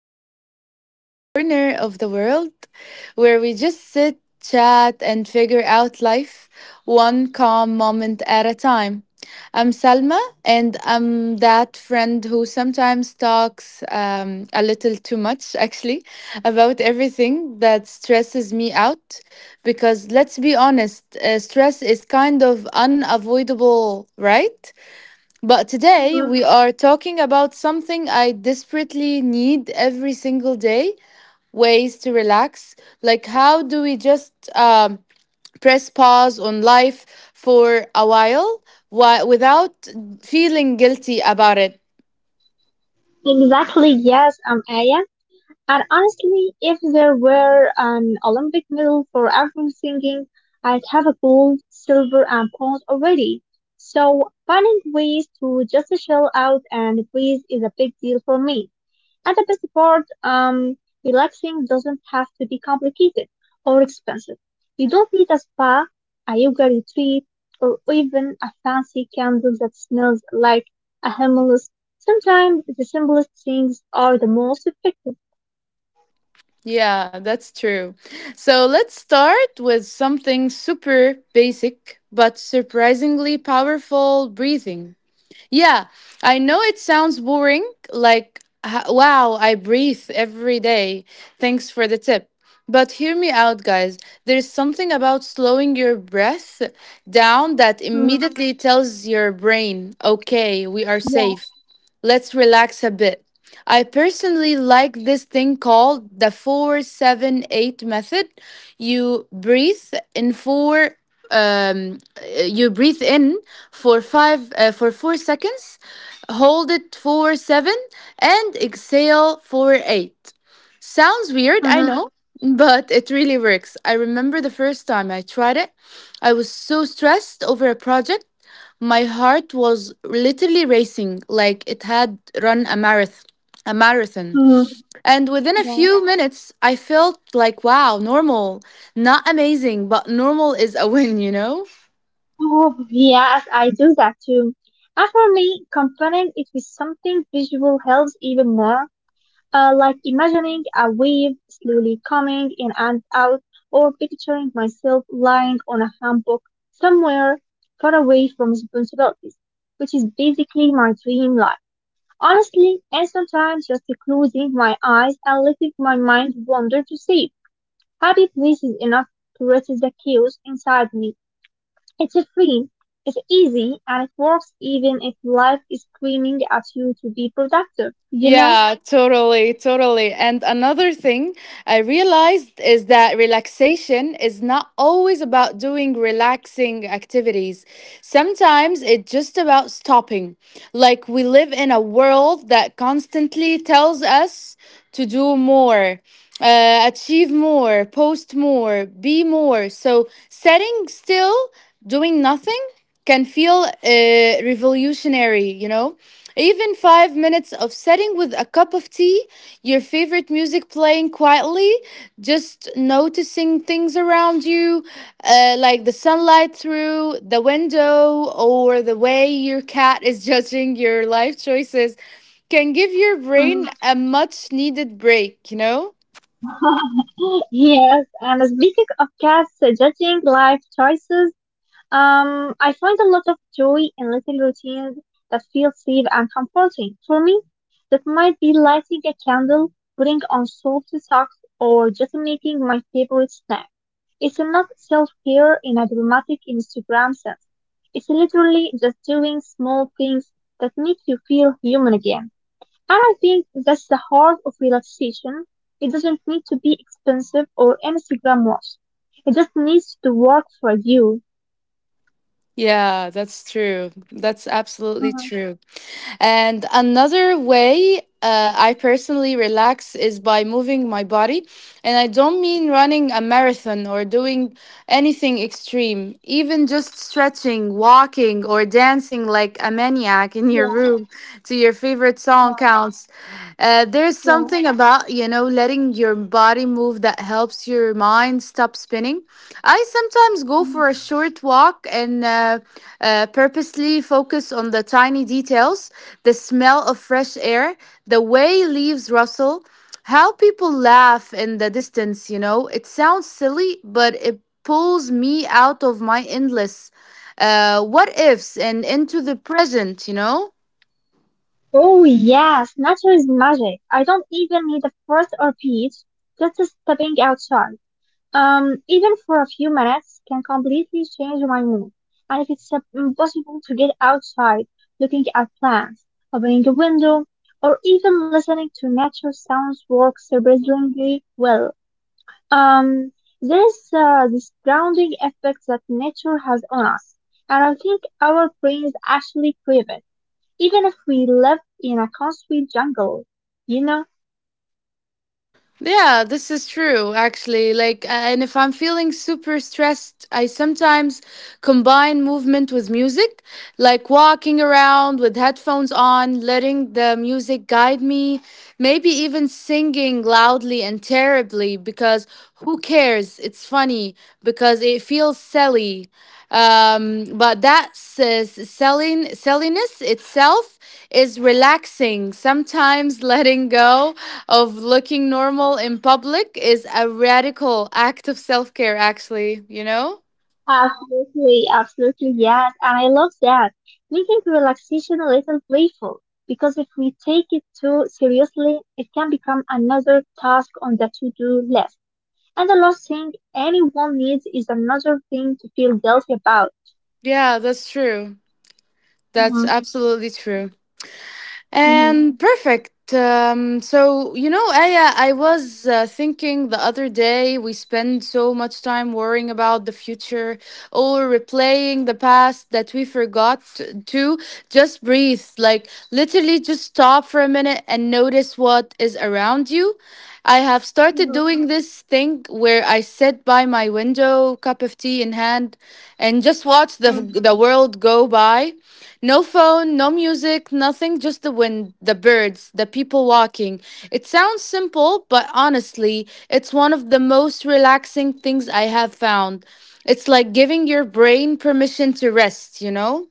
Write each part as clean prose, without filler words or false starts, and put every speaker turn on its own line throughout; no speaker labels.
cozy little corner of the world where we just sit, chat, and figure out life one calm moment at a time. I'm Salma, and I'm that friend who sometimes talks a little too much, actually, about everything that stresses me out. Because let's be honest, stress is kind of unavoidable, right? But
Mm,
today we are talking about something I desperately need every single day ways to relax. Like, how do we just press pause on life for a while without feeling guilty about it?
exactly, yes, Aya. And honestly, if there were an Olympic medal for every singing, I'd have a gold, silver, and bronze already. So finding ways to just shell out and praise is a big deal for me. At the best part, relaxing doesn't have to be complicated or expensive. You don't need a spa, a yoga retreat, or even a fancy candle that smells like a himalayan. Sometimes the simplest things are the most effective.
Yeah, that's true. So let's start with something super basic but surprisingly powerful breathing. Yeah, I know it sounds boring, like, wow, I breathe every day. Thanks for the tip. But hear me out, guys. There's something about slowing your breath down that
Mhm.
immediately tells your brain, okay, we are
Yeah.
safe. Let's relax a bit. I personally like this thing called the 478 method. You breathe in four you breathe in for 5 uh, for 4 seconds, hold it for 7 and exhale for 8. Sounds weird, I
Mhm.
know, but it really works. I remember the first time I tried it, I was so stressed over a project my heart was literally racing like it had run a marathon. A marathon.
Mhm.
And within a
Yeah.
few minutes, I felt like, wow, normal. Not amazing, but normal is a win, you know?
Oh, yes, I do that too. And for me, combining it with something visual helps even more. Like imagining a wave slowly coming in and out, or picturing myself lying on a hammock somewhere far away from responsibilities, which is basically my dream life. Honestly, and sometimes just closing my eyes and letting my mind wander to see happy places enough to resist the chaos inside me. It's a free, it's easy, and it works even if life is screaming at you to be productive, you know?
Yeah, totally, totally. And another thing I realized is that relaxation is not always about doing relaxing activities. Sometimes it's just about stopping. Like, we live in a world that constantly tells us to do more, achieve more, post more, be more. So setting still, doing nothing can feel revolutionary, you know? Even 5 minutes of sitting with a cup of tea, your favorite music playing quietly, just noticing things around you, like the sunlight through the window or the way your cat is judging your life choices, can give your brain
Mm.
a much needed break, you know?
Yes, and speaking of cats so judging life choices, I find a lot of joy in little routines that feel safe and comforting. For me, that might be lighting a candle, putting on soft socks, or just making my favorite snack. It's not self-care in a dramatic Instagram sense. It's literally just doing small things that make you feel human again. And I think that's the heart of relaxation. It doesn't need to be expensive or Instagram worthy. It just needs to work for you.
Yeah, that's true. That's absolutely
uh
true. And another way I personally relax is by moving my body. And I don't mean running a marathon or doing anything extreme, even just stretching, walking, or dancing like a maniac in your
Yeah,
room to your favorite song
yeah,
counts. There's
yeah.
something about, you know, letting your body move that helps your mind stop spinning. I sometimes go
Mhm.
for a short walk and purposely focus on the tiny details the smell of fresh air, the way leaves rustle, how people laugh in the distance, you know. It sounds silly, but it pulls me out of my endless what ifs and into the present, you know?
Oh yes, nature is magic. I don't even need a forest or beach, just stepping outside. Even for a few minutes can completely change my mood. And if it's impossible to get outside, looking at plants, opening a window, or even listening to nature sounds works surprisingly well. Um, there is this grounding effect that nature has on us, and I think our brains actually crave it, even if we live in a concrete jungle. You know.
Yeah, this is true, actually. Like, and if I'm feeling super stressed, I sometimes combine movement with music, like walking around with headphones on, letting the music guide me, maybe even singing loudly and terribly because who cares? It's funny because it feels silly, but that says selling selliness itself is relaxing sometimes. Letting go of looking normal in public is a radical act of self-care, actually, you know?
Absolutely, absolutely, yes. And I love that. Making relaxation a little playful, because if we take it too seriously, it can become another task on the to-do list. And the last thing anyone needs is another thing to feel guilty about.
Yeah, that's true. That's
Mhm,
absolutely true.
mhm,
And perfect. So, you know, Aya, I was thinking the other day we spend so much time worrying about the future or replaying the past that we forgot to just breathe. Like, literally, just stop for a minute and notice what is around you. I have started
mhm,
doing this thing where I sit by my window, cup of tea in hand, and just watch the,
mhm.
the world go by. No phone, no music, nothing, just the wind, the birds, the people walking. It sounds simple, but honestly, it's one of the most relaxing things I have found. It's like giving your brain permission to rest, you know?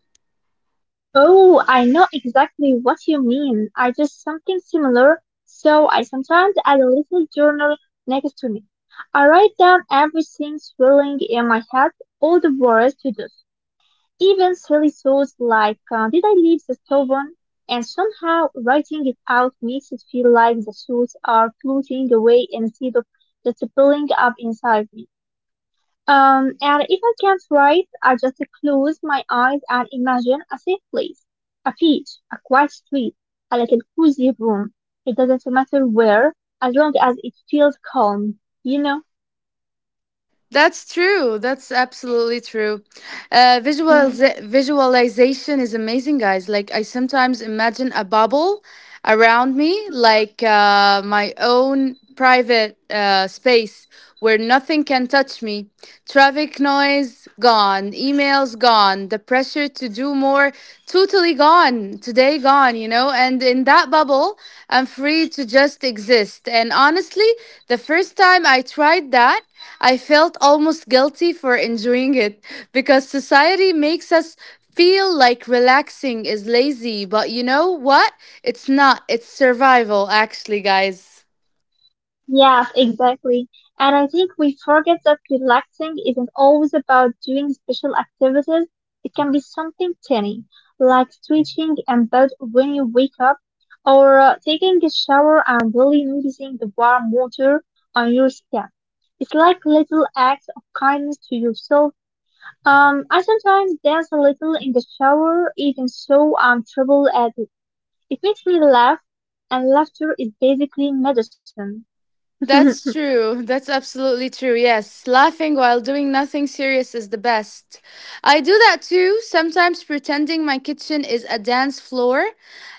Oh, I know exactly what you mean. I do something similar, so I sometimes add a little journal next to me. I write down everything swirling in my head, all the words to do, even silly thoughts like, did I leave the stove on? And somehow writing it out makes it feel like the thoughts are floating away instead of just building up inside me. And if I can't write, I just close my eyes and imagine a safe place, a beach, a quiet street, a little cozy room. It doesn't matter where, as long as it feels calm, you know?
That's true. That's absolutely true.
Mm.
Visualization is amazing, guys. Like, I sometimes imagine a bubble around me, like my own private space where nothing can touch me. Traffic noise gone, emails gone, the pressure to do more totally gone, today gone, you know? And in that bubble, I'm free to just exist. And honestly, the first time I tried that, I felt almost guilty for enjoying it because society makes us feel like relaxing is lazy, but you know what? It's not. It's survival, actually, guys.
Yes, exactly. And I think we forget that relaxing isn't always about doing special activities. It can be something tiny, like stretching in bed when you wake up, or taking a shower and really noticing the warm water on your skin. It's like little acts of kindness to yourself. I sometimes dance a little in the shower, even so I'm terrible at it. It makes me laugh, and laughter is basically medicine.
That's true. That's absolutely true. Yes, laughing while doing nothing serious is the best. I do that too, sometimes pretending my kitchen is a dance floor.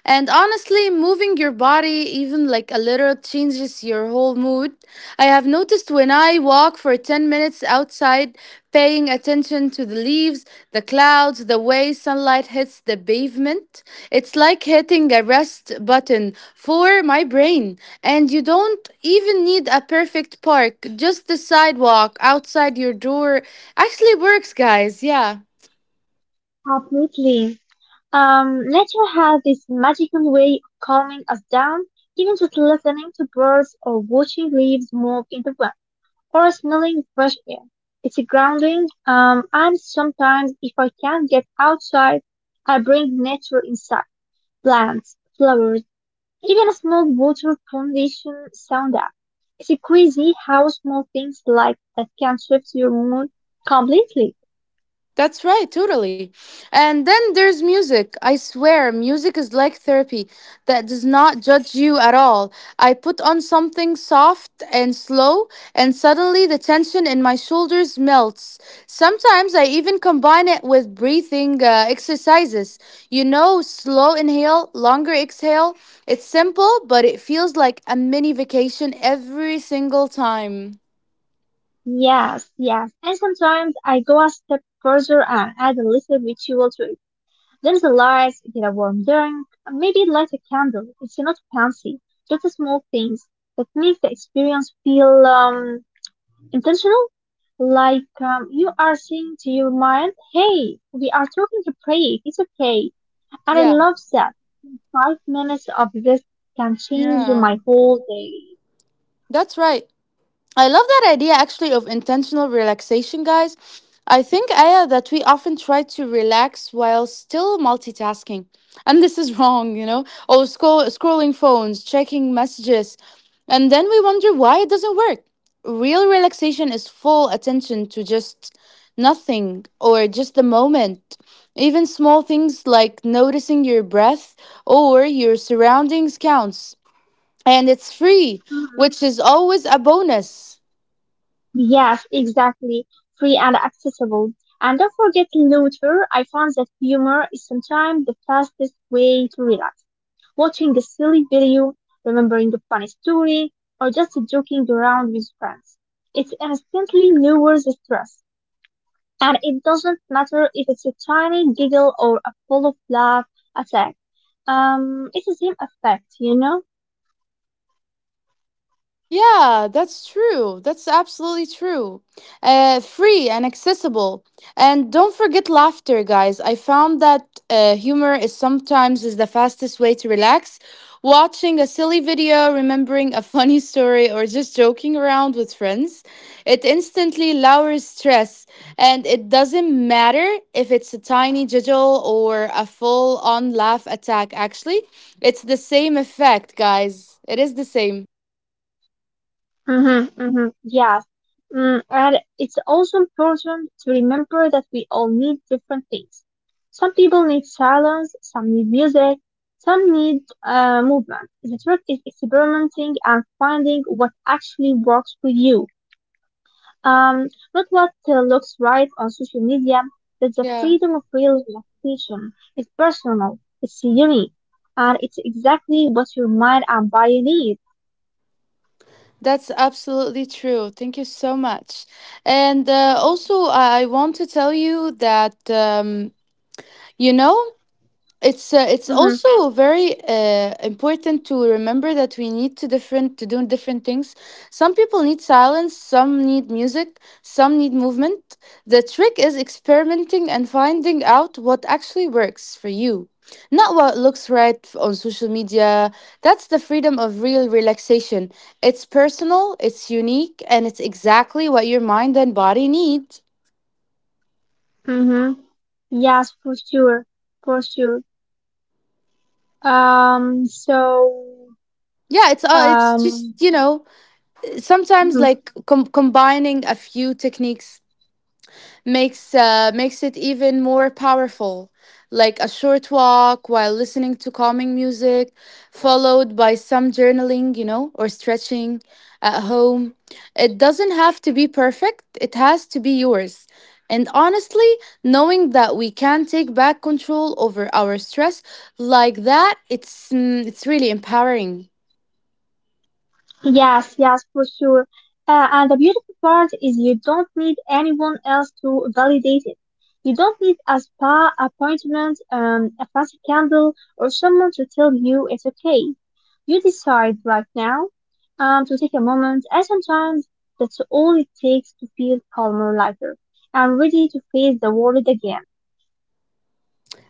And honestly, moving your body even like a little changes your whole mood. I have noticed when I walk for 10 minutes outside, paying attention to the leaves, the clouds, the way sunlight hits the pavement, it's like hitting a rest button for my brain. And you don't even need a perfect park, just the sidewalk outside your door actually works, guys. Yeah.
Completely. Nature has this magical way of calming us down. Even just listening to birds or watching leaves move in the wind or smelling fresh air. It's grounding. And sometimes if I can't get outside, I bring nature inside. Plants, flowers, even a small water foundation sound up. It's crazy how small things like that can shift your mood completely.
That's right, totally. And then there's music. I swear, music is like therapy that does not judge you at all. I put on something soft and slow, and suddenly the tension in my shoulders melts. Sometimes I even combine it with breathing exercises. You know, slow inhale, longer exhale. It's simple, but it feels like a mini vacation every single time.
Yes, yes. And sometimes I go a step further and add a little ritual to it. There's the lights, get a warm drink, and maybe light a candle. It's not fancy, just the small things that make the experience feel intentional. Like you are saying to your mind, "Hey, we are talking to break. It's okay." And I
Yeah.
love that. Five minutes of this can change
Yeah.
my whole day.
That's right. I love that idea actually of intentional relaxation, guys. I think, Aya, that we often try to relax while still multitasking. And this is wrong, you know? Or scrolling phones, checking messages. And then we wonder why it doesn't work. Real relaxation is full attention to just nothing or just the moment. Even small things like noticing your breath or your surroundings counts. And it's free,
Mm-hmm.
which is always a bonus.
Yes, exactly. Free and accessible. And don't forget laughter. I found that humor is sometimes the fastest way to relax. Watching a silly video, remembering a funny story, or just joking around with friends. It instantly lowers the stress. And it doesn't matter if it's a tiny giggle or a full of laugh attack. It's the same effect, you know?
Yeah, that's true. That's absolutely true. Free and accessible. And don't forget laughter, guys. I found that humor is sometimes is the fastest way to relax. Watching a silly video, remembering a funny story, or just joking around with friends, it instantly lowers stress. And it doesn't matter if it's a tiny jiggle or a full-on laugh attack. Actually, it's the same effect, guys. It is the same.
Mm-hmm, mm-hmm, yes. Mm, and it's also important to remember that we all need different things. Some people need silence, some need music, some need movement. The trick is experimenting and finding what actually works for you. Um, Not what looks right on social media. That's the
Yeah.
freedom of real relaxation. It's personal, it's unique, and it's exactly what your mind and body need.
That's absolutely true. Thank you so much. And also, I want to tell you that, you know, it's
Mm-hmm,
also very important to remember that we need to do different things. Some people need silence, some need music, some need movement. The trick is experimenting and finding out what actually works for you, not what looks right on social media. That's the freedom of real relaxation. It's personal, it's unique, and it's exactly what your mind and body need.
mm-hmm. Yes, for sure, for sure. Um, so,
Yeah, it's just,
um,
you know, sometimes
mhm.
like combining a few techniques makes it even more powerful, like a short walk while listening to calming music followed by some journaling, you know, or stretching at home. It doesn't have to be perfect, it has to be yours. And honestly, knowing that we can take back control over our stress like that, it's it's really empowering.
Yes, yes, for sure. And the beautiful part is you don't need anyone else to validate it. You don't need a spa appointment, a fancy candle, or someone to tell you it's okay. You decide right now, to take a moment, and sometimes that's all it takes to feel calmer, lighter, and ready to face the world again.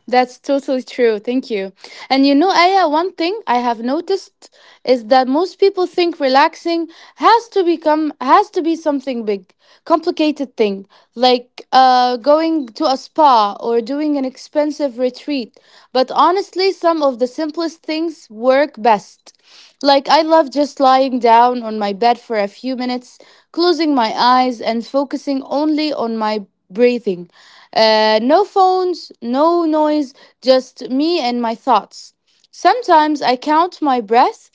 That's totally true. Thank you. And you know, Aya, one thing I have noticed is that most people think relaxing has to be something big, complicated thing, like going to a spa or doing an expensive retreat. But honestly, some of the simplest things work best. Like, I love just lying down on my bed for a few minutes, closing my eyes and focusing only on my breathing, no phones, no noise, just me and my thoughts. Sometimes I count my breath.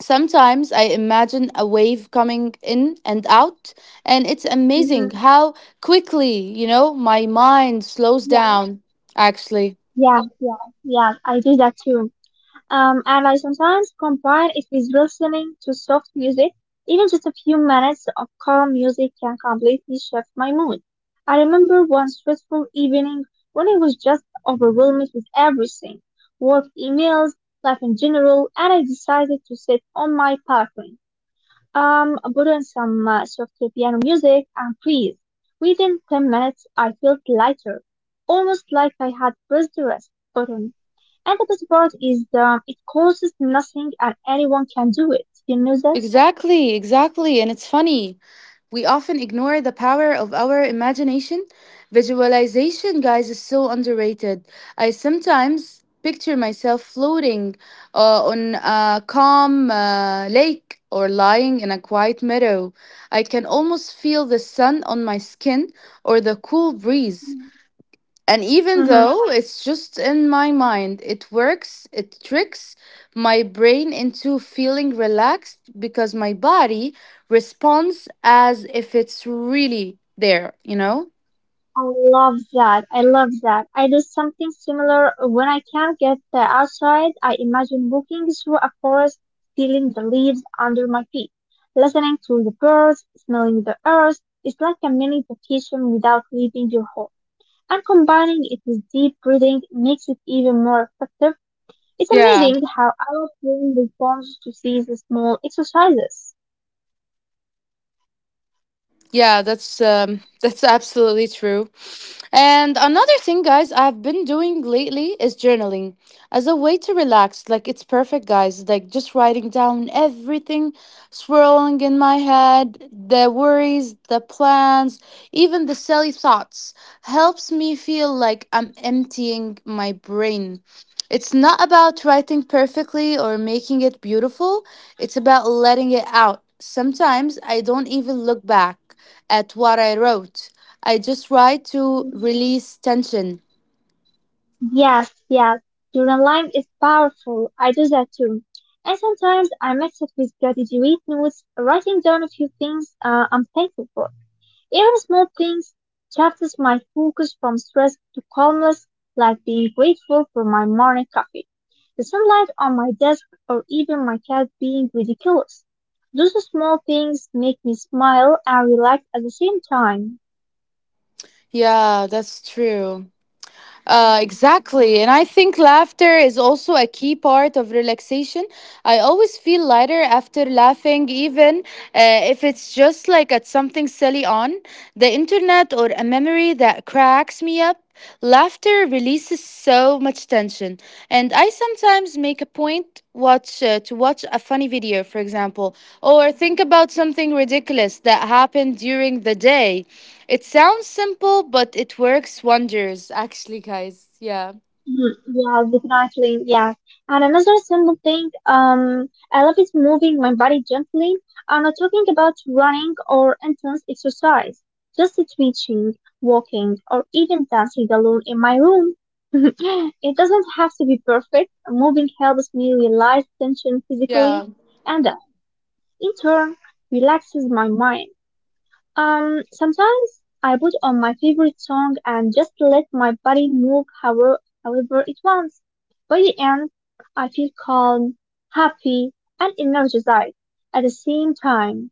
Sometimes I imagine a wave coming in and out, and it's amazing
Mhm.
how quickly, you know, my mind slows down, actually.
Yeah, yeah, yeah, I do that too. And I sometimes combine it with listening to soft music. Even just a few minutes of calm music can completely shift my mood. I remember one stressful evening when I was just overwhelmed with everything, work emails, life in general, and I decided to sit on my balcony put on some softer piano music and please, within 10 minutes I felt lighter, almost like I had pressed the rest button. And the best part is it costs nothing and anyone can do it. You know that?
Exactly, exactly. And it's funny. We often ignore the power of our imagination. Visualization, guys, is so underrated. I sometimes picture myself floating on a calm lake or lying in a quiet meadow. I can almost feel the sun on my skin or the cool breeze. And even
Mhm.
though it's just in my mind, it works, it tricks my brain into feeling relaxed because my body responds as if it's really there, you know?
I love that. I love that. I do something similar when I can't get the outside. I imagine walking through a forest, feeling the leaves under my feet, listening to the birds, smelling the earth. It's like a mini vacation without leaving your home. And combining it with deep breathing makes it even more effective. It's
Yeah.
amazing how our brain responds to these small exercises.
Yeah, that's that's absolutely true. And another thing, guys, I've been doing lately is journaling as a way to relax. Like, it's perfect, guys. Like, just writing down everything swirling in my head, the worries, the plans, even the silly thoughts helps me feel like I'm emptying my brain. It's not about writing perfectly or making it beautiful. It's about letting it out. Sometimes I don't even look back at what I wrote. I just write to release tension.
Yes, yes. Journaling is powerful. I do that too. And sometimes I mix it with gratitude notes, writing down a few things I'm thankful for. Even small things changes my focus from stress to calmness, like being grateful for my morning coffee, the sunlight on my desk, or even my cat being ridiculous. Those small things make me smile and relax at the same time.
Yeah, that's true. Exactly. And I think laughter is also a key part of relaxation. I always feel lighter after laughing, even if it's just like at something silly on the internet or a memory that cracks me up. Laughter releases so much tension. And I sometimes make a point watch to watch a funny video, for example, or think about something ridiculous that happened during the day. It sounds simple, but it works wonders, actually, guys. Yeah.
Mhm. Yeah, definitely. Yeah. And another simple thing, I love is moving my body gently. I'm not talking about running or intense exercise, just stretching, walking, or even dancing alone in my room. It doesn't have to be perfect. Moving helps me realize tension physically
Yeah.
and, in turn, relaxes my mind. Sometimes I put on my favorite song and just let my body move however, it wants. By the end, I feel calm, happy, and energized at the same time.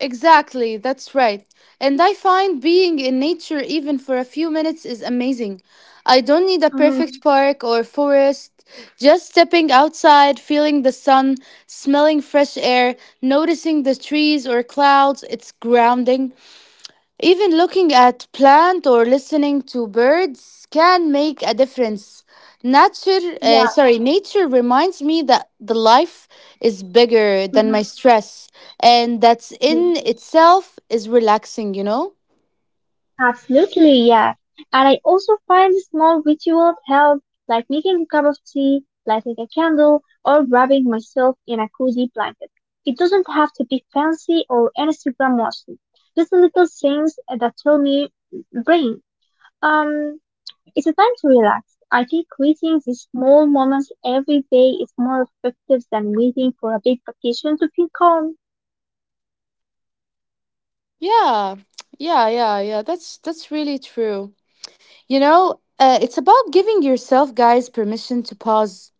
Exactly. That's right. And I find being in nature, even for a few minutes, is amazing. I don't need a perfect
hmm
park or forest. Just stepping outside, feeling the sun, smelling fresh air, noticing the trees or clouds, it's grounding. Even looking at plant or listening to birds can make a difference.
Yeah.
Nature reminds me that the life is bigger than
hmm
my stress, and that's in itself is relaxing. You know?
Absolutely, yeah. And I also find small rituals help, like making a cup of tea, lighting a candle, or wrapping myself in a cozy blanket. It doesn't have to be fancy or Instagram worthy. Just little things that tell me, brain, um, it's a time to relax. I think creating these small moments every day is more effective than waiting for a big vacation to feel calm.
Yeah, yeah, yeah, yeah. That's really true. It's about giving yourself guys permission to pause.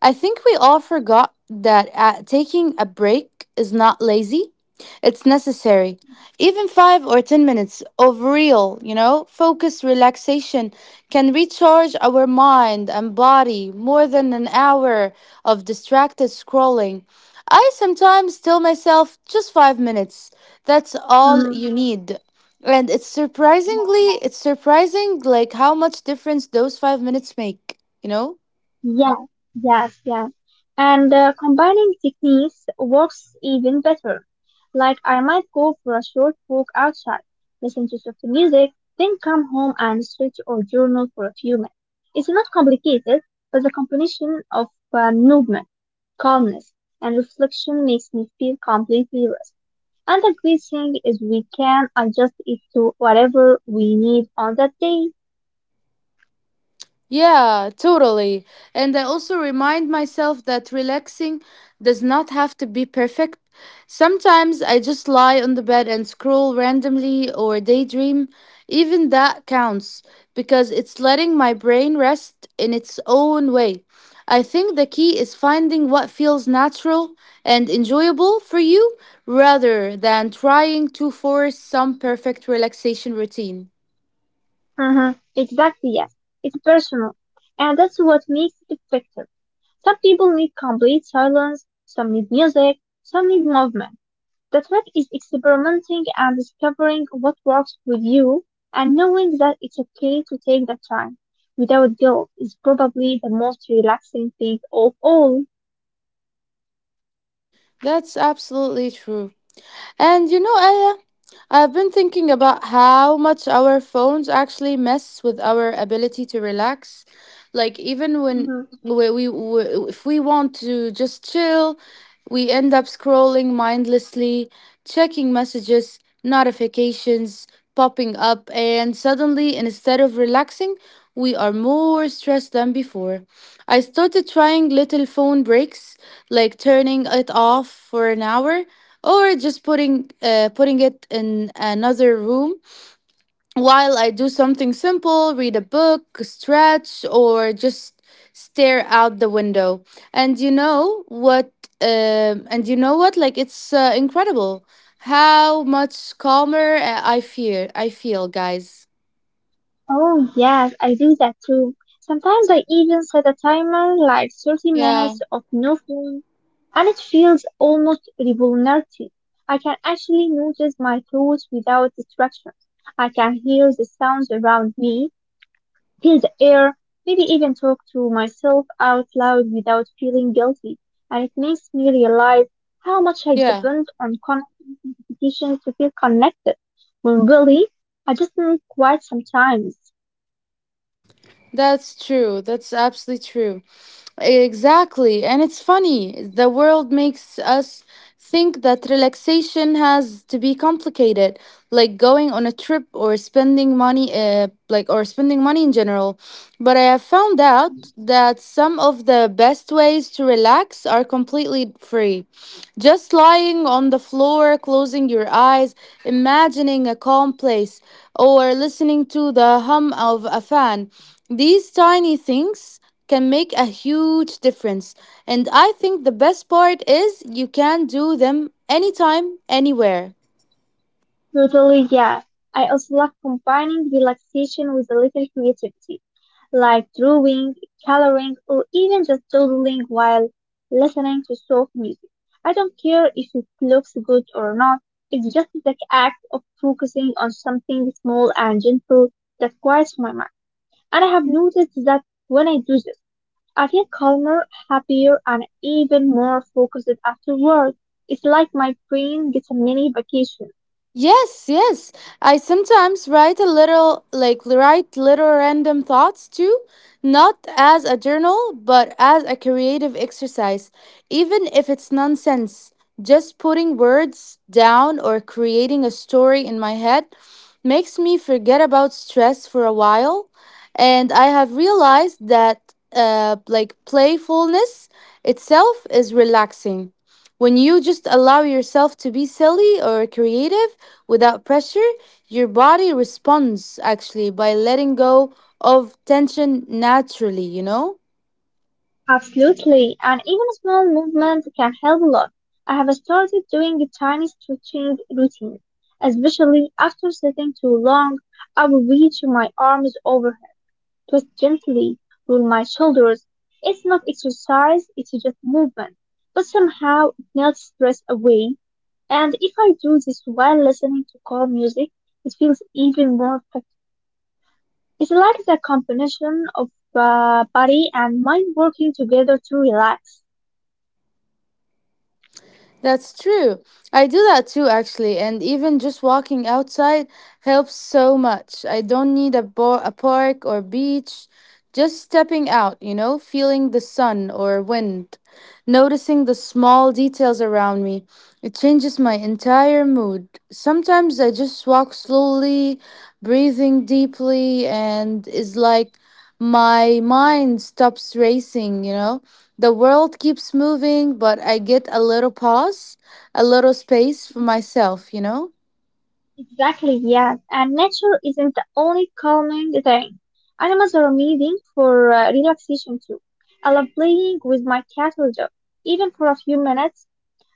I think we all forgot that taking a break is not lazy, it's necessary. Even 5 or 10 minutes of real, focused relaxation can recharge our mind and body more than an hour of distracted scrolling. I sometimes tell myself just 5 minutes. That's all
Mm.
you need. And it's surprising like how much difference those 5 minutes make, you know?
Yeah, yes, yes. And combining techniques works even better. Like I might go for a short walk outside, listen to soft music, then come home and stretch or journal for a few minutes. It's not complicated, but the combination of movement, calmness, and reflection makes me feel completely rest. And the great thing is we can adjust it to whatever we need on that day.
Yeah, totally. And I also remind myself that relaxing does not have to be perfect. Sometimes I just lie on the bed and scroll randomly or daydream. Even that counts because it's letting my brain rest in its own way. I think the key is finding what feels natural and enjoyable for you rather than trying to force some perfect relaxation routine.
Uh-huh. Exactly, yes. It's personal. And that's what makes it effective. Some people need complete silence, some need music, some need movement. The trick is experimenting and discovering what works with you, and knowing that it's okay to take that time without guilt is probably the most relaxing thing of all.
That's absolutely true. And I've been thinking about how much our phones actually mess with our ability to relax. Like even when
Mm-hmm.
we if we want to just chill, we end up scrolling mindlessly, checking messages, notifications popping up, and suddenly instead of relaxing, we are more stressed than before. I started trying little phone breaks, like turning it off for an hour or just putting it in another room while I do something simple, read a book, stretch or just stare out the window. And you know what and you know what, it's incredible how much calmer I feel, guys.
Oh, yes, I do that too. Sometimes I even set a timer like 30
Yeah.
minutes of no phone, and it feels almost revolutionary. I can actually notice my thoughts without distractions. I can hear the sounds around me, feel the air, maybe even talk to myself out loud without feeling guilty. And it makes me realize how much I
Yeah.
depend on constant notifications to feel connected. When really, I just need quiet sometimes.
That's true. That's absolutely true. Exactly. And it's funny, the world makes us think that relaxation has to be complicated, like going on a trip or spending money, or spending money in general. But I have found out that some of the best ways to relax are completely free. Just lying on the floor, closing your eyes, imagining a calm place, or listening to the hum of a fan. These tiny things can make a huge difference. And I think the best part is you can do them anytime, anywhere.
Totally, yeah. I also love combining relaxation with a little creativity, like drawing, coloring, or even just doodling while listening to soft music. I don't care if it looks good or not. It's just the act of focusing on something small and gentle that quiets my mind. And I have noticed that when I do this, I feel calmer, happier, and even more focused afterward. It's like my brain gets a mini vacation.
Yes, yes. I sometimes write little random thoughts too, not as a journal, but as a creative exercise, even if it's nonsense. Just putting words down or creating a story in my head makes me forget about stress for a while. And I have realized that, playfulness itself is relaxing. When you just allow yourself to be silly or creative, without pressure, your body responds actually by letting go of tension naturally, you know?
Absolutely, and even small movements can help a lot. I have started doing a tiny stretching routine, especially after sitting too long. I will reach my arms overhead, twist gently, roll my shoulders. It's not exercise, it's just movement. But somehow it melts stress away, and if I do this while listening to calm music, it feels even more effective. It's like the combination of body and mind working together to relax.
That's true. I do that too, actually, and even just walking outside helps so much. I don't need a park or beach. Just stepping out, you know, feeling the sun or wind, noticing the small details around me. It changes my entire mood. Sometimes I just walk slowly, breathing deeply, and it's like my mind stops racing, you know? The world keeps moving, but I get a little pause, a little space for myself, you know?
Exactly, yes. And nature isn't the only calming thing. Animals are amazing for relaxation too. I love playing with my cat or dog, even for a few minutes,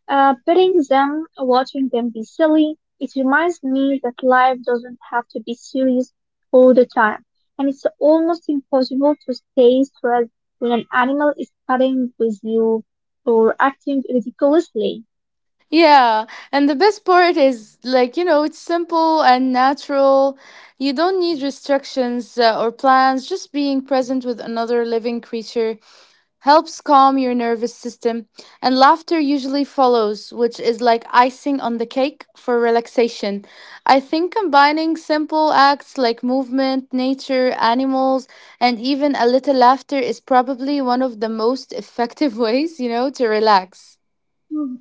petting them, watching them be silly. It reminds me that life doesn't have to be serious all the time. And it's almost impossible to stay stressed when an animal is cutting with you or acting ridiculously.
Yeah, and the best part is like, you know, it's simple and natural. You don't need restrictions or plans, just being present with another living creature helps calm your nervous system, and laughter usually follows, which is like icing on the cake for relaxation. I think combining simple acts like movement, nature, animals, and even a little laughter is probably one of the most effective ways, you know, to relax.
Hmm.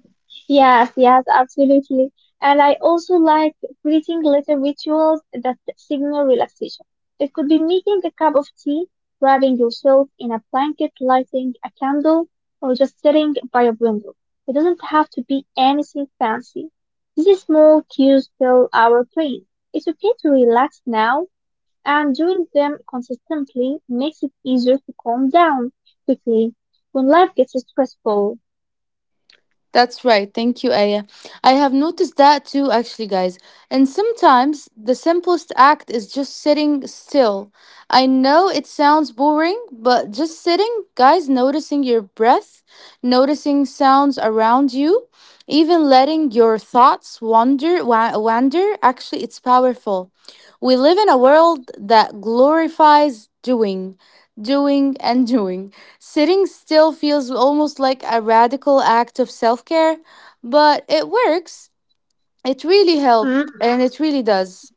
Yes, yes, absolutely. And I also like creating little rituals that signal relaxation. It could be making a cup of tea, wrapping yourself in a blanket, lighting a candle, or just sitting by a window. It doesn't have to be anything fancy. These small cues fill our brain. It's okay to relax now, and doing them consistently makes it easier to calm down quickly when life gets stressful.
That's right. Thank you, Aya. I have noticed that too, actually, guys. And sometimes the simplest act is just sitting still. I know it sounds boring, but just sitting, guys, noticing your breath, noticing sounds around you, even letting your wander, actually, it's powerful. We live in a world that glorifies doing, doing, and doing. Sitting still feels almost like a radical act of self care, but it works. It really helps, and it really does.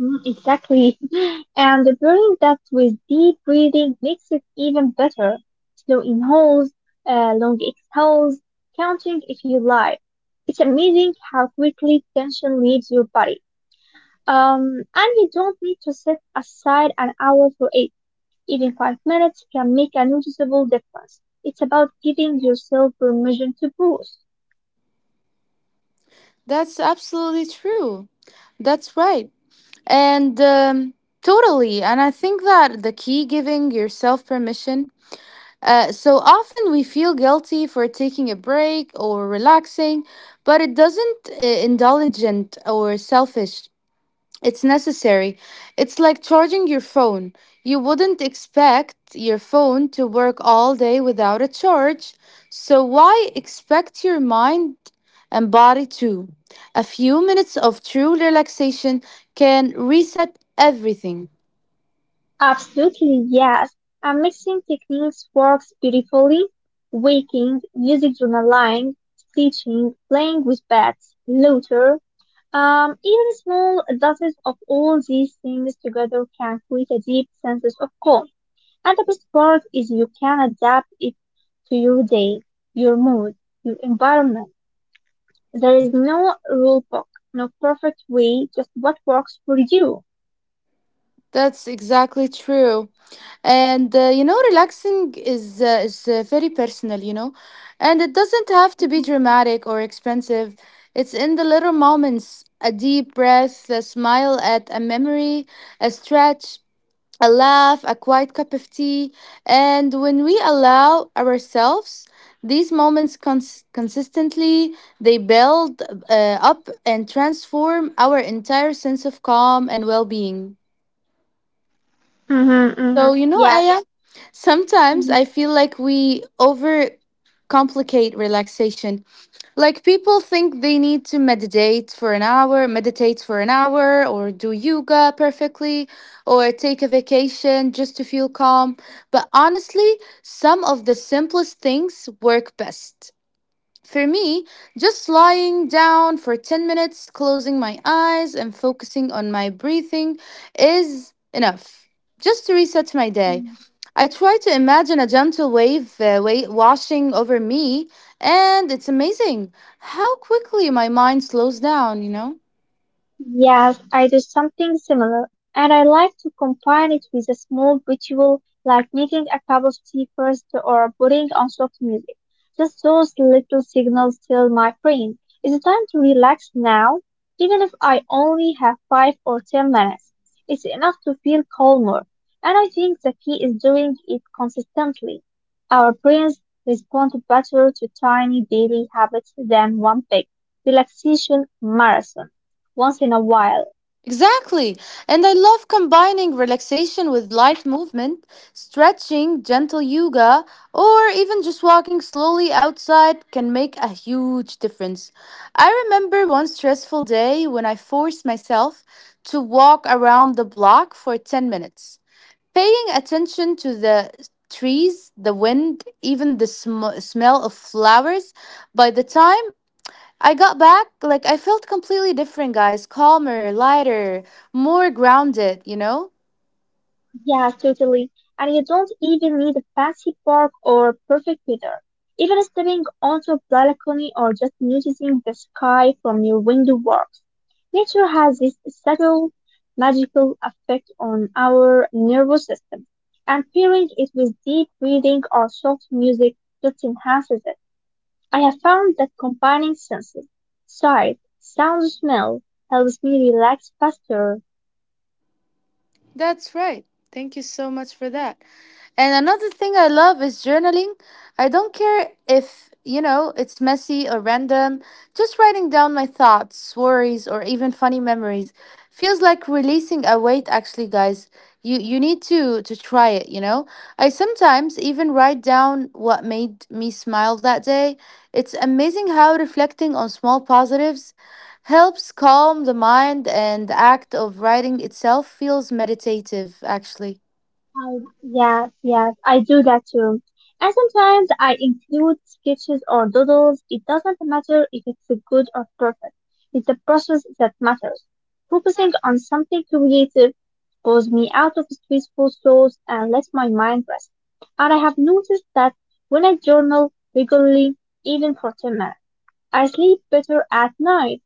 Mm, exactly. And pairing that with deep breathing makes it even better. Slow inhales, long exhales, counting if you like. It's amazing how quickly tension leaves your body. Um, and you don't need to set aside an hour for it. Even 5 minutes can make a noticeable difference. It's about giving yourself permission to pause.
That's absolutely true. That's right. And totally. And I think that the key giving yourself permission. So often we feel guilty for taking a break or relaxing, but it doesn't indulgent or selfish. It's necessary. It's like charging your phone. You wouldn't expect your phone to work all day without a charge, so why expect your mind and body to? A few minutes of true relaxation can reset everything.
Absolutely, yes. And mixing techniques works beautifully. Waking, music journaling, stitching, playing with pets, laughter. Even small doses of all these things together can create a deep sense of calm. And the best part is you can adapt it to your day, your mood, your environment. There is no rule book, no perfect way, just what works for you.
That's exactly true. And you know, relaxing is very personal, you know, and it doesn't have to be
Hmm.
dramatic or expensive. It's in the little moments, a deep breath, a smile at a memory, a stretch, a laugh, a quiet cup of tea, and when we allow ourselves these moments consistently, they build up and transform our entire sense of calm and well-being.
Hmm.
So, you know,
Yes.
Aya, sometimes
Hmm.
I feel like we overcomplicate relaxation. Like people think they need to meditate for an hour, or do yoga perfectly, or take a vacation just to feel calm. But honestly, some of the simplest things work best. For me, just lying down for 10 minutes, closing my eyes, and focusing on my breathing is enough just to reset my day. I try to imagine a gentle washing over me, and it's amazing how quickly my mind slows down, you know?
Yes, I do something similar, and I like to combine it with a small ritual like making a cup of tea first or putting on soft music. Just those little signals tell my brain it's time to relax now, even if I only have 5 or 10 minutes. It's enough to feel calmer, and I think the key is doing it consistently. Our brains respond better to tiny daily habits than one big relaxation marathon once in a while.
Exactly. And I love combining relaxation with light movement, stretching, gentle yoga, or even just walking slowly outside can make a huge difference. I remember one stressful day when I forced myself to walk around the block for 10 minutes. Paying attention to the trees, the wind, even the smell of flowers. By the time I got back, like I felt completely different, guys. Calmer, lighter, more grounded, you know?
Yeah, totally. And you don't even need a fancy park or perfect weather. Even stepping onto a balcony or just noticing the sky from your window works. Nature has this subtle, magical effect on our nervous system, and pairing it with deep breathing or soft music just enhances it. I have found that combining senses, sight, sound, smell, helps me relax faster.
That's right. Thank you so much for that. And another thing I love is journaling. I don't care if, you know, it's messy or random. Just writing down my thoughts, worries, or even funny memories feels like releasing a weight actually, guys. You need to try it, you know? I sometimes even write down what made me smile that day. It's amazing how reflecting on small positives helps calm the mind and the act of writing itself feels meditative actually.
I, yes, yes, I do that too. And sometimes I include sketches or doodles. It doesn't matter if it's good or perfect. It's the process that matters. Focusing on something creative pulls me out of stressful thoughts and lets my mind rest. And I have noticed that when I journal regularly, even for 10 minutes, I sleep better at night.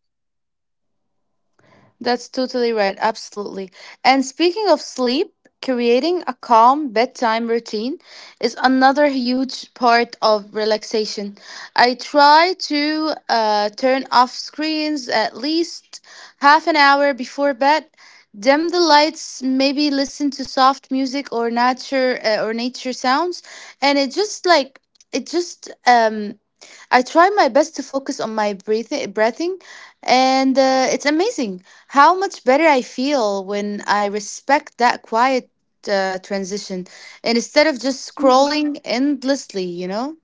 That's totally right. Absolutely. And speaking of sleep, creating a calm bedtime routine is another huge part of relaxation. I try to turn off screens at least half an hour before bed. Dim the lights, maybe listen to soft music or nature sounds, and it just like it just I try my best to focus on my breathing and it's amazing how much better I feel when I respect that quiet transition and instead of just scrolling endlessly, you know?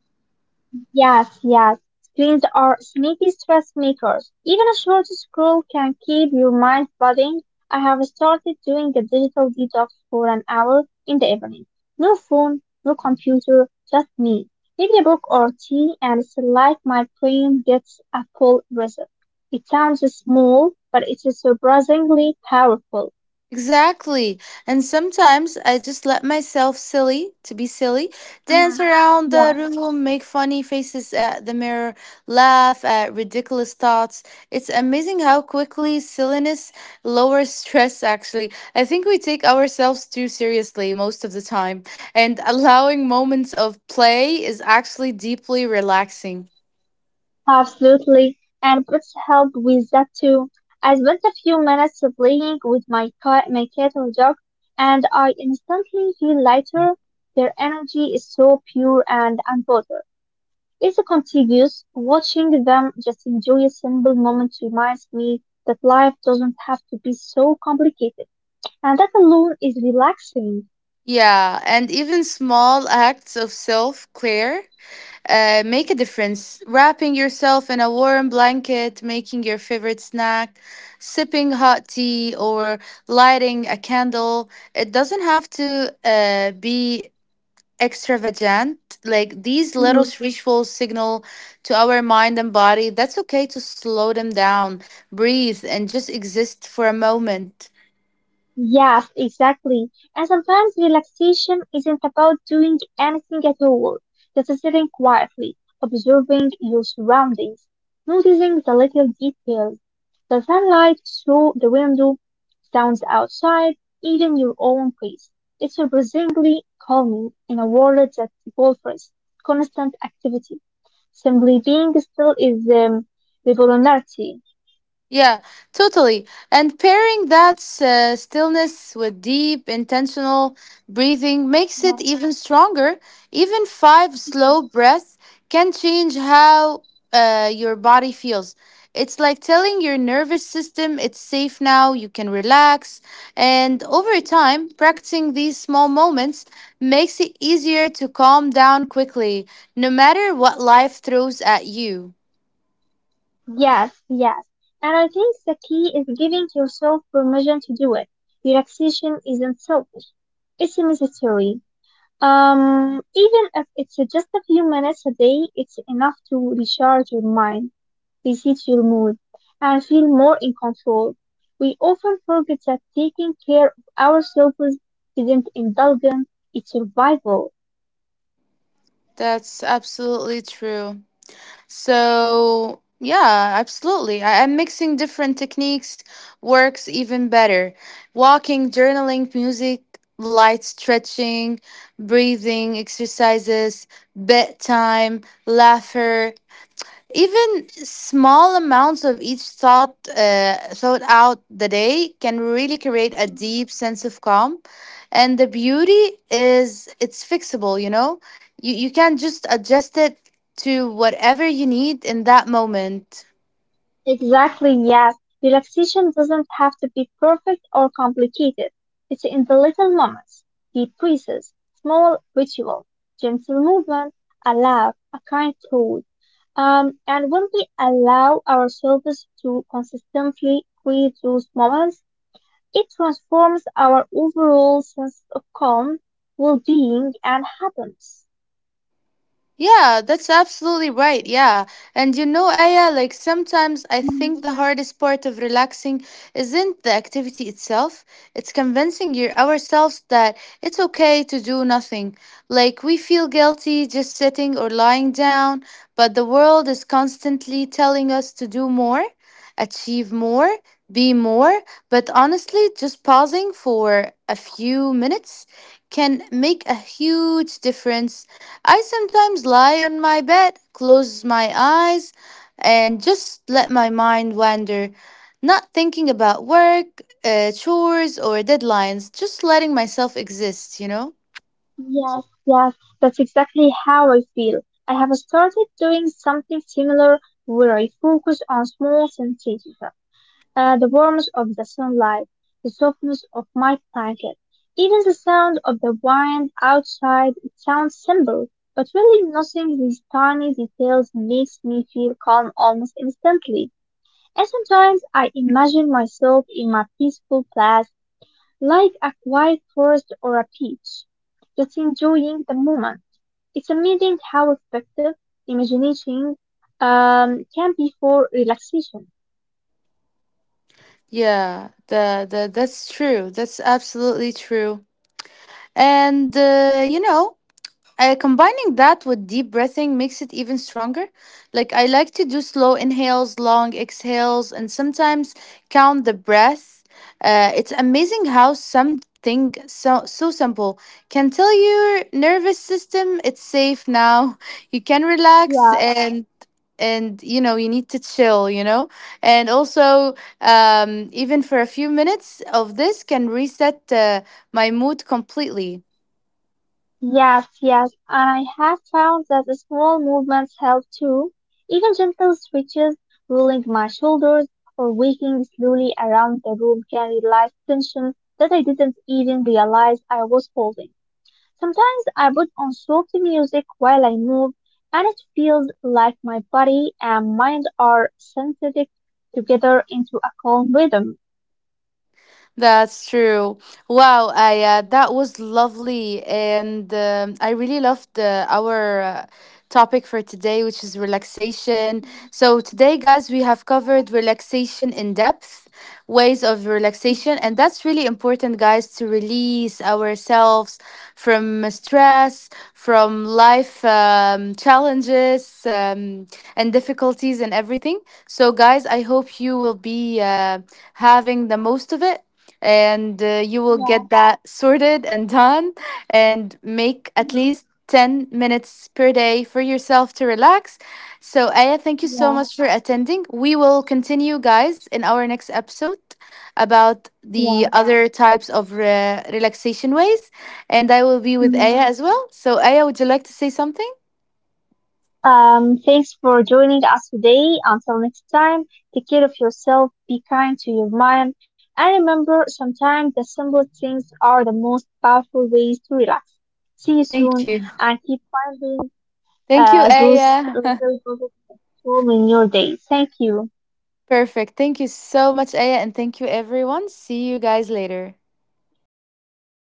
Yes, yes. Screens are sneaky stress makers. Even a short scroll can keep your mind buzzing. I have started doing a digital detox for an hour in the evening. No phone, no computer, just me. Maybe a book or tea, and it's like my brain gets a full reset. It sounds small, but it is surprisingly powerful.
Exactly. And sometimes I just let myself silly, to be silly, dance
Ah,
around the
yeah.
room, make funny faces at the mirror, laugh at ridiculous thoughts. It's amazing how quickly silliness lowers stress, actually. I think we take ourselves too seriously most of the time, and allowing moments of play is actually deeply relaxing.
Absolutely, and pets help with that too. I spent a few minutes playing with my cat or dog, and I instantly feel lighter. Their energy is so pure and unbothered. It's contagious. Watching them just enjoy a simple moment reminds me that life doesn't have to be so complicated, and that alone is relaxing.
Yeah, and even small acts of self care make a difference. Wrapping yourself in a warm blanket, making your favorite snack, sipping hot tea, or lighting a candle. It doesn't have to be extravagant. Like these little
Mm-hmm.
rituals signal to our mind and body that's okay to slow them down, breathe, and just exist for a moment.
Yes, exactly. And sometimes relaxation isn't about doing anything at all, just sitting quietly, observing your surroundings, noticing the little details, the sunlight through the window, sounds outside, even your own pace. It's surprisingly calming in a world that offers constant activity. Simply being still is revolutionary.
Yeah, totally. And pairing that stillness with deep, intentional breathing makes
Yeah.
it even stronger. Even five slow breaths can change how your body feels. It's like telling your nervous system it's safe now, you can relax. And over time, practicing these small moments makes it easier to calm down quickly, no matter what life throws at you.
Yes, yes. And I think the key is giving yourself permission to do it. Relaxation isn't selfish, it's necessary. Even if it's just a few minutes a day, it's enough to recharge your mind, reset your mood, and feel more in control. We often forget that taking care of ourselves isn't indulgence, it's survival.
That's absolutely true. So, yeah, absolutely. I'm mixing different techniques, works even better. Walking, journaling, music, light stretching, breathing exercises, bedtime, laughter. Even small amounts of each thought out the day can really create a deep sense of calm. And the beauty is it's fixable, you know? You can just adjust it to whatever you need in that moment.
Exactly, yes. Relaxation doesn't have to be perfect or complicated. It's in the little moments, deep breaths, small rituals, gentle movement, a laugh, a kind thought. And when we allow ourselves to consistently create those moments, it transforms our overall sense of calm, well-being, and happiness.
Yeah, that's absolutely right. Yeah. And you know, Aya, like sometimes I think the hardest part of relaxing isn't the activity itself, it's convincing ourselves that it's okay to do nothing. Like we feel guilty just sitting or lying down, but the world is constantly telling us to do more, achieve more, be more. But honestly, just pausing for a few minutes can make a huge difference. I sometimes lie on my bed, close my eyes, and just let my mind wander, not thinking about work, chores, or deadlines, just letting myself exist, you know?
Yes, yes, that's exactly how I feel. I have started doing something similar where I focus on small sensations, the warmth of the sunlight, the softness of my blanket, even the sound of the wind outside. It sounds simple, but really noticing these tiny details makes me feel calm almost instantly. And sometimes I imagine myself in my peaceful place like a quiet forest or a beach, just enjoying the moment. It's amazing how effective imagination can be for relaxation.
Yeah, that's true. That's absolutely true. And, combining that with deep breathing makes it even stronger. Like, I like to do slow inhales, long exhales, and sometimes count the breath. It's amazing how something so simple can tell your nervous system it's safe now. You can relax,
Yeah.
and you know you need to chill, you know, and also even for a few minutes of this can reset my mood completely.
Yes, yes, and I have found that the small movements help too. Even gentle stretches, rolling my shoulders, or walking slowly around the room can release tension that I didn't even realize I was holding. Sometimes I put on soft music while I move, and it feels like my body and mind are synthetic together into a calm rhythm.
That's true. Wow, I that was lovely, and I really loved our topic for today, which is relaxation. So today, guys, we have covered relaxation in depth, ways of relaxation, and that's really important, guys, to release ourselves from stress, from life challenges and difficulties and everything. So, guys, I hope you will be having the most of it and you will
Yeah,
get that sorted and done and make at least 10 minutes per day for yourself to relax. So, Aya, thank you so
yeah.
much for attending. We will continue, guys, in our next episode about
Yeah.
the other types of relaxation ways. And I will be with Aya
Mhm.
as well. So, Aya, would you like to say something?
Thanks for joining us today. Until next time, take care of yourself, be kind to your mind, and remember sometimes the simplest things are the most powerful ways to relax. See you
Thank
soon
you.
and keep finding
Thank you,
those
Aya.
little ruining your day. Thank you.
Perfect. Thank you so much, Aya. And thank you, everyone. See you guys later.
Goodbye.